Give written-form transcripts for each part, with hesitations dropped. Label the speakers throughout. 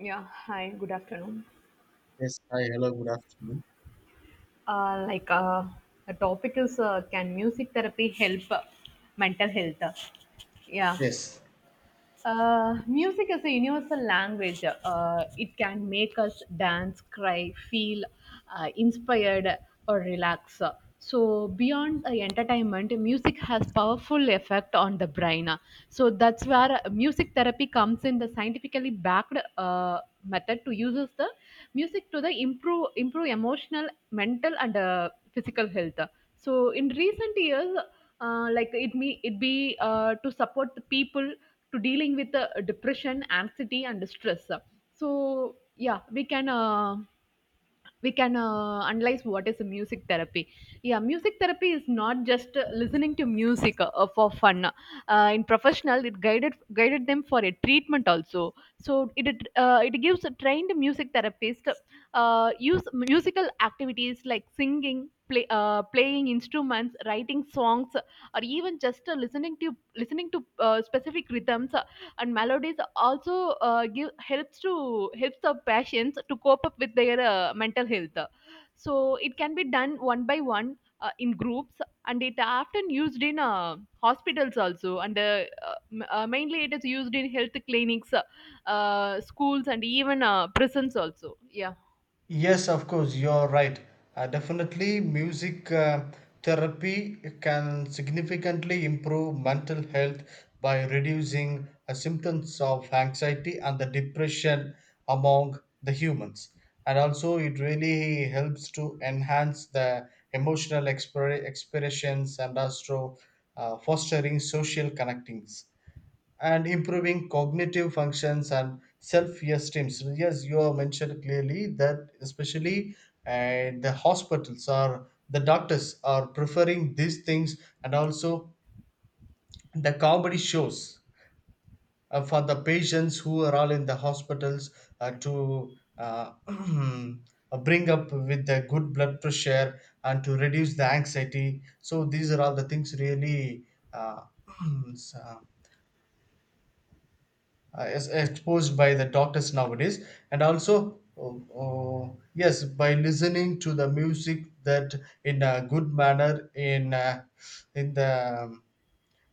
Speaker 1: Yeah, hi, good afternoon.
Speaker 2: Yes, hi, hello, good afternoon.
Speaker 1: Uh, like, uh, the topic is can music therapy help mental health? Yeah.
Speaker 2: Yes.
Speaker 1: Music is a universal language. It can make us dance, cry, feel inspired, or relax. So beyond entertainment, music has powerful effect on the brain. So that's where music therapy comes in. The scientifically backed method to uses the music to the improve emotional, mental, and physical health. So in recent years, like it me it be to support the people to dealing with depression anxiety and stress. So yeah, we can analyze what is a music therapy. Yeah, music therapy is not just listening to music for fun. In professional it guided them for a treatment also. So it it gives a trained music therapist use musical activities like singing, playing instruments, writing songs, or even just listening to specific rhythms and melodies also. Give helps to helps the patients to cope up with their mental health. So it can be done one by one, in groups, and it often used in hospitals also, and mainly it is used in health clinics, schools, and even prisons also. Yeah.
Speaker 2: Yes, of course, you're right. Definitely, music therapy can significantly improve mental health by reducing symptoms of anxiety and the depression among the humans. And also, it really helps to enhance the expressions and also fostering social connectings, and improving cognitive functions and self-esteem. So yes, you have mentioned clearly that, especially the hospitals or the doctors are preferring these things, and also the comedy shows for the patients who are all in the hospitals, to bring up with the good blood pressure and to reduce the anxiety. So these are all the things really uh, s- uh, is exposed by the doctors nowadays. And also, yes, by listening to the music, that in a good manner in the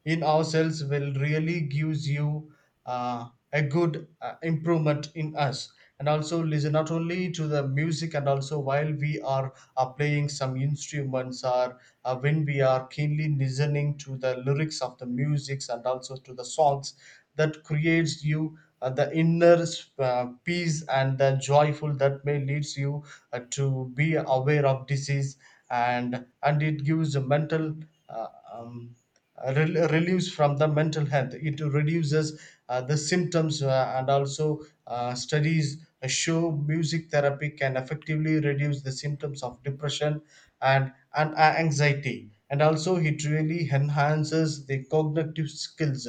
Speaker 2: in ourselves, will really gives you uh, a good improvement in us. And also, listen not only to the music, and also while we are playing some instruments, or when we are keenly listening to the lyrics of the musics and also to the songs, that creates you the inner peace and the joyful, that may leads you to be aware of disease. And it gives a mental uh, um, relieves from the mental health. It reduces the symptoms, and also studies show music therapy can effectively reduce the symptoms of depression and anxiety. And also, it really enhances the cognitive skills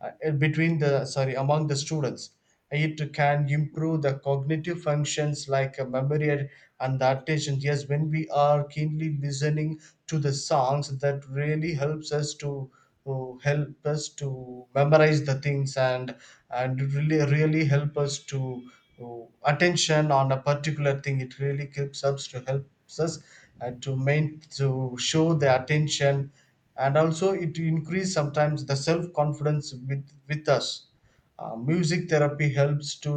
Speaker 2: uh, between the sorry among the students. It can improve the cognitive functions like memory and the attention. Yes, when we are keenly listening to the songs, that really helps us to help us to memorize the things, and really really help us to attention on a particular thing. It really helps us, and to main to show the attention. And also it increase sometimes the self confidence with us. Music therapy helps to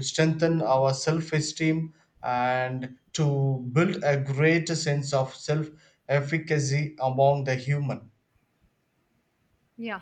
Speaker 2: strengthen our self esteem, and to build a greater sense of self efficacy among the human.
Speaker 1: Yeah,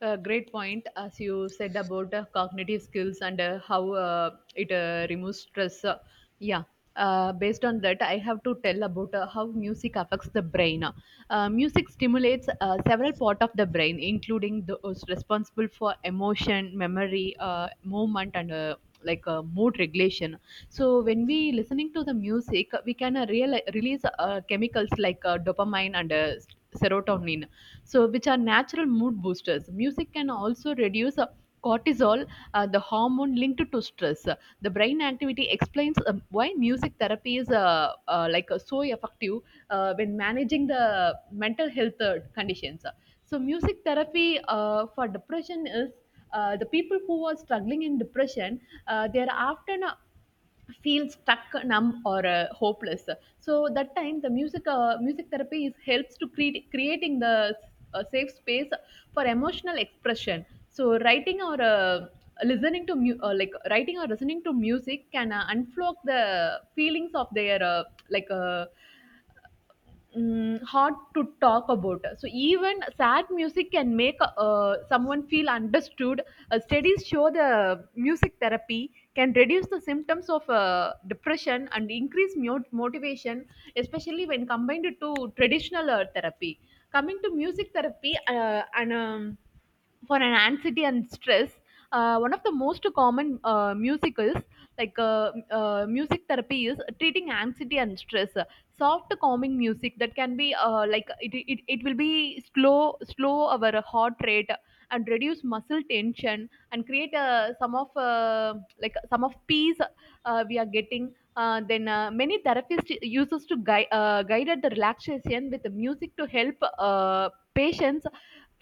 Speaker 1: a great point as you said about cognitive skills and how it removes stress. Yeah, based on that, I have to tell about how music affects the brain. Music stimulates several part of the brain, including those responsible for emotion, memory, movement, and mood regulation. So when we listening to the music we can release chemicals like dopamine and serotonin, so which are natural mood boosters. Music can also reduce cortisol, the hormone linked to stress. The brain activity explains why music therapy is so effective when managing the mental health conditions. So music therapy for depression is, the people who are struggling in depression, they are often feel stuck numb or hopeless. So that time the music therapy is helps to create creating the safe space for emotional expression. So writing or listening to mu- like writing or listening to music can unblock the feelings of their like uh, hard to talk about. So even sad music can make someone feel understood. Studies show the music therapy can reduce the symptoms of depression and increase motivation, especially when combined to traditional therapy. Coming to music therapy, and for an anxiety and stress, one of the most common musicals, music therapy is treating anxiety and stress. Soft calming music that can be it will be slow our heart rate and reduce muscle tension and create some of peace we are getting. Then Many therapists uses to guided the relaxation with the music to help patients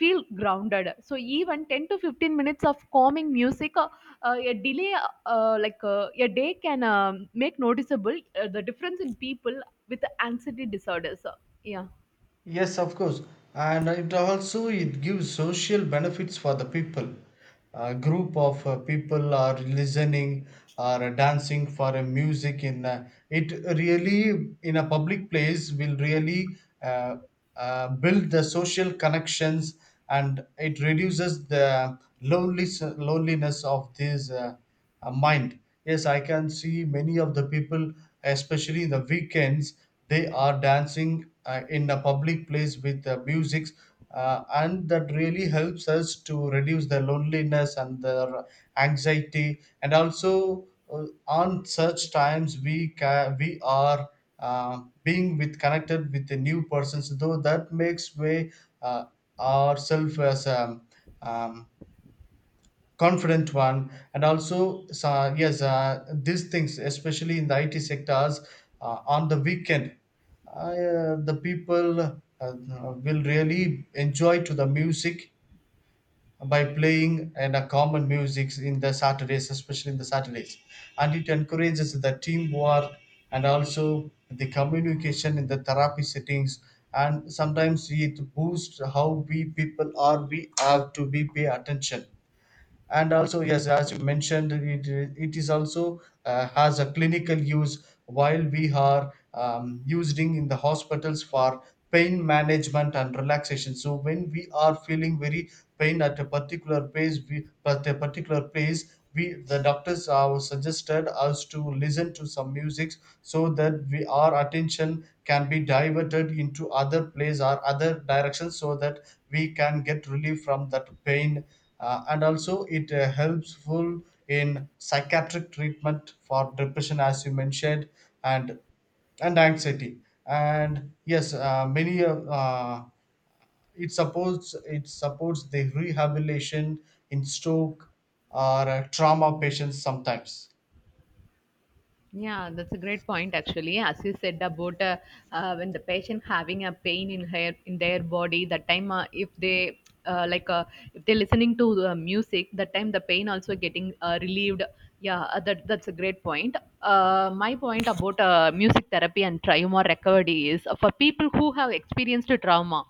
Speaker 1: feel grounded. So even 10 to 15 minutes of calming music a delay a day can make noticeable the difference in people with anxiety disorders. Yeah.
Speaker 2: Yes, of course, and it also it gives social benefits for the people. A group of people are listening or dancing for a music in a, it really in a public place, will really uh, build the social connections, and it reduces the lonely loneliness of this mind. Yes, I can see many of the people, especially in the weekends, they are dancing in a public place with music, and that really helps us to reduce the loneliness and the anxiety. And also on such times we are being with connected with the new persons, though that makes way uh, ourselves as um, confident one. And also, so, yes, these things especially in the IT sectors, on the weekend, the people will really enjoy to the music by playing, and common musics in the Saturdays, especially in the Saturdays. And it encourages the teamwork and also the communication in the therapy settings. And sometimes it boosts how we people are we have to be pay attention. And also, yes, as you mentioned it, it is also has a clinical use while we are using in the hospitals for pain management and relaxation. So when we are feeling very pain at a particular place we at a particular place, we the doctors are suggested us to listen to some music, so that we our attention can be diverted into other place or other directions, so that we can get relief from that pain. And also it helpful in psychiatric treatment for depression, as you mentioned, and and anxiety. And yes, many it supports the rehabilitation in stroke or trauma patients sometimes.
Speaker 1: Yeah, that's a great point actually. As you said about when the patient having a pain in her in their body, that time uh, like uh, if they're listening to music, that time the pain also getting relieved. Yeah, that that's a great point. My point about music therapy and trauma recovery is, for people who have experienced trauma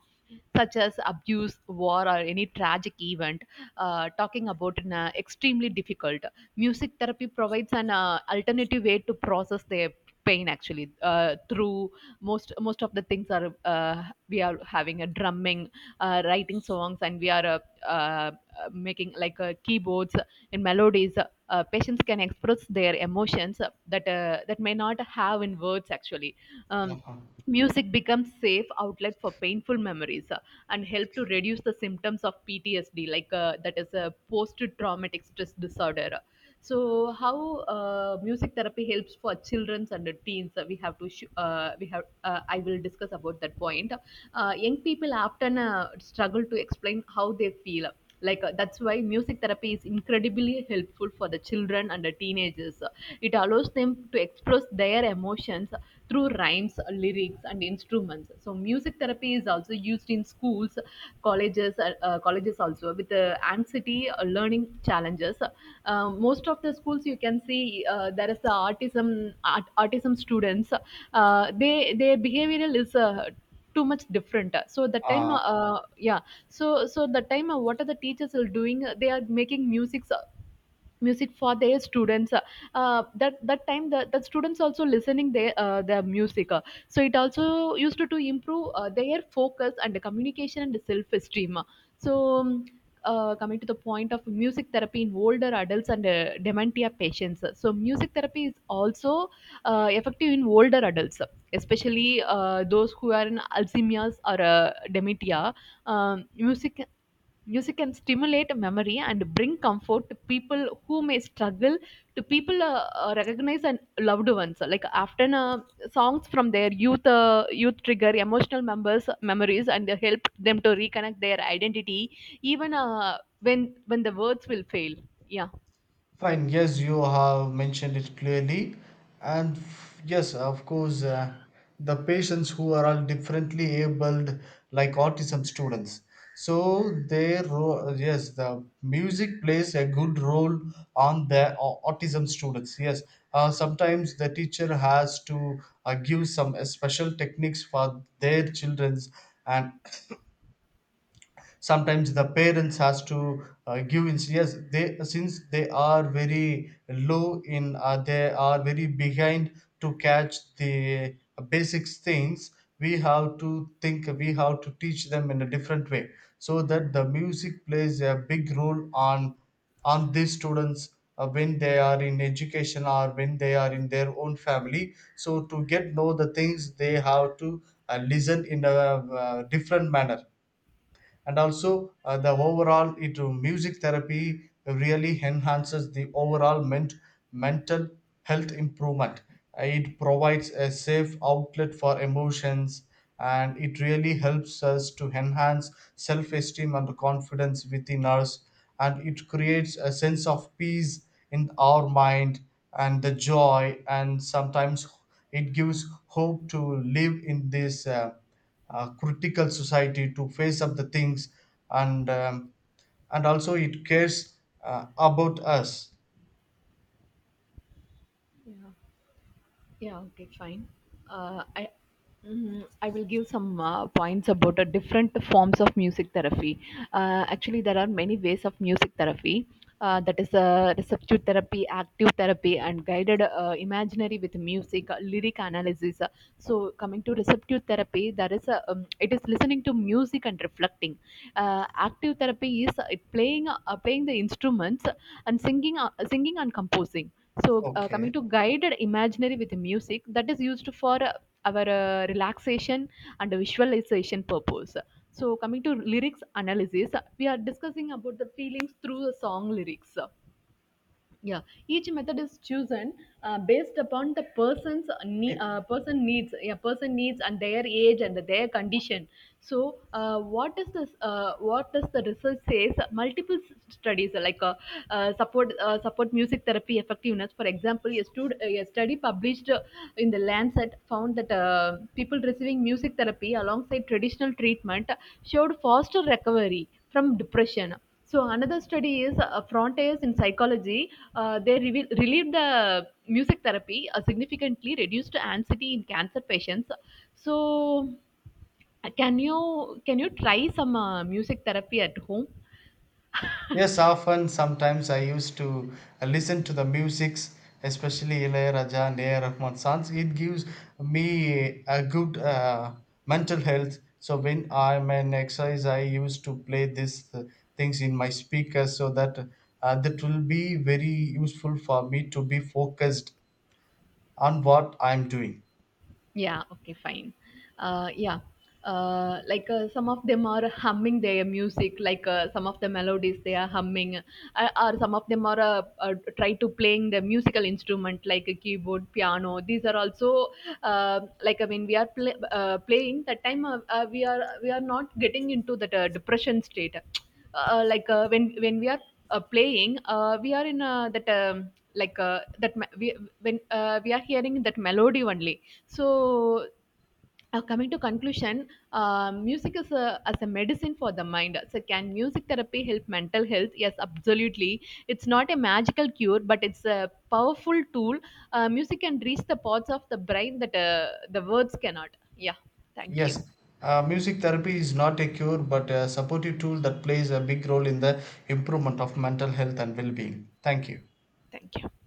Speaker 1: such as abuse, war, or any tragic event, talking about an extremely difficult. Music therapy provides an alternative way to process their pain actually. Through most of the things are, we are having a drumming, writing songs, and we are uh, making like keyboards and melodies. Patients can express their emotions that may not have in words actually. um,
Speaker 2: Uh
Speaker 1: Music becomes safe outlet for painful memories, and help to reduce the symptoms of PTSD, that is a post-traumatic stress disorder. So, how music therapy helps for children and teens, we have I will discuss about that point. Young people often struggle to explain how they feel, that's why music therapy is incredibly helpful for the children and the teenagers. It allows them to express their emotions through rhymes, lyrics, and instruments. So music therapy is also used in schools, colleges, colleges also, with anxiety, learning challenges. Most of the schools you can see there is the autism students. They their behavioral is too much different. So the time,
Speaker 2: huh.
Speaker 1: yeah. So so the time what are the teachers are doing, they are making music for their students. That that time the students also listening their music. So it also used to improve their focus and the communication and the self-esteem. So coming to the point of music therapy in older adults and dementia patients. So, music therapy is also effective in older adults, especially those who are in Alzheimer's or dementia. Um, music Music can stimulate memory and bring comfort to people who may struggle, to people recognize and loved ones. So, like often, songs from their youth trigger emotional members memories and they help them to reconnect their identity, even when the words will fail. Yeah.
Speaker 2: Fine, yes, you have mentioned it clearly. Yes, of course, the patients who are all differently abled, like autism students. Yes, the music plays a good role on the autism students. Yes, sometimes the teacher has to give some special techniques for their childrens, and sometimes the parents has to yes, they since they are very low in they are very behind to catch the basics things, we have to think, we have to teach them in a different way, so that the music plays a big role on these students when they are in education or when they are in their own family. So to get know the things, they have to listen in a different manner. And also the overall it music therapy really enhances the overall mental health improvement. It provides a safe outlet for emotions, and it really helps us to enhance self-esteem and confidence within us, and it creates a sense of peace in our mind and the joy. And sometimes it gives hope to live in this critical society to face up the things. And and also it cares about us.
Speaker 1: Yeah. Yeah, okay, fine. Uh, I I will give some points about the different forms of music therapy. Actually, there are many ways of music therapy. That is receptive therapy, active therapy, and guided imaginary with music, lyric analysis. So, coming to receptive therapy, there is a, it is listening to music and reflecting. Active therapy is playing the instruments and singing and composing. So,
Speaker 2: Okay.
Speaker 1: coming to guided imaginary with music, that is used for our relaxation and visualization purpose. So, coming to lyrics analysis, we are discussing about the feelings through the song lyrics. Yeah, each method is chosen based upon the
Speaker 2: It-
Speaker 1: person needs. Yeah, person needs and their age and their condition. So what is this what does the research says. Multiple studies support music therapy effectiveness. For example, a study published in the Lancet found that people receiving music therapy alongside traditional treatment showed faster recovery from depression. So another study is frontiers in psychology. Relieved the music therapy significantly reduced anxiety in cancer patients. So can you try some music therapy at home?
Speaker 2: yes, often sometimes I used to listen to the musics, especially Ilayaraja and ar rahman songs. It gives me a good mental health. So when I'm an exercise, I used to play these things in my speaker, so that that will be very useful for me to be focused on what I'm doing.
Speaker 1: Yeah, okay, fine. Uh, yeah, like some of them are humming their music, like some of the melodies they are humming, or some of them are try to playing the musical instrument like a keyboard, piano. These are also like I mean, we are playing that time. We are we are not getting into that depression state when we are playing we are in we, when we are hearing that melody only. So coming to conclusion, music is a, as a medicine for the mind. So can music therapy help mental health? Yes, absolutely. It's not a magical cure, but it's a powerful tool. Music can reach the parts of the brain that the words cannot. Yeah, thank you.
Speaker 2: Yes, music therapy is not a cure but a supportive tool that plays a big role in the improvement of mental health and well being. Thank you.
Speaker 1: Thank you.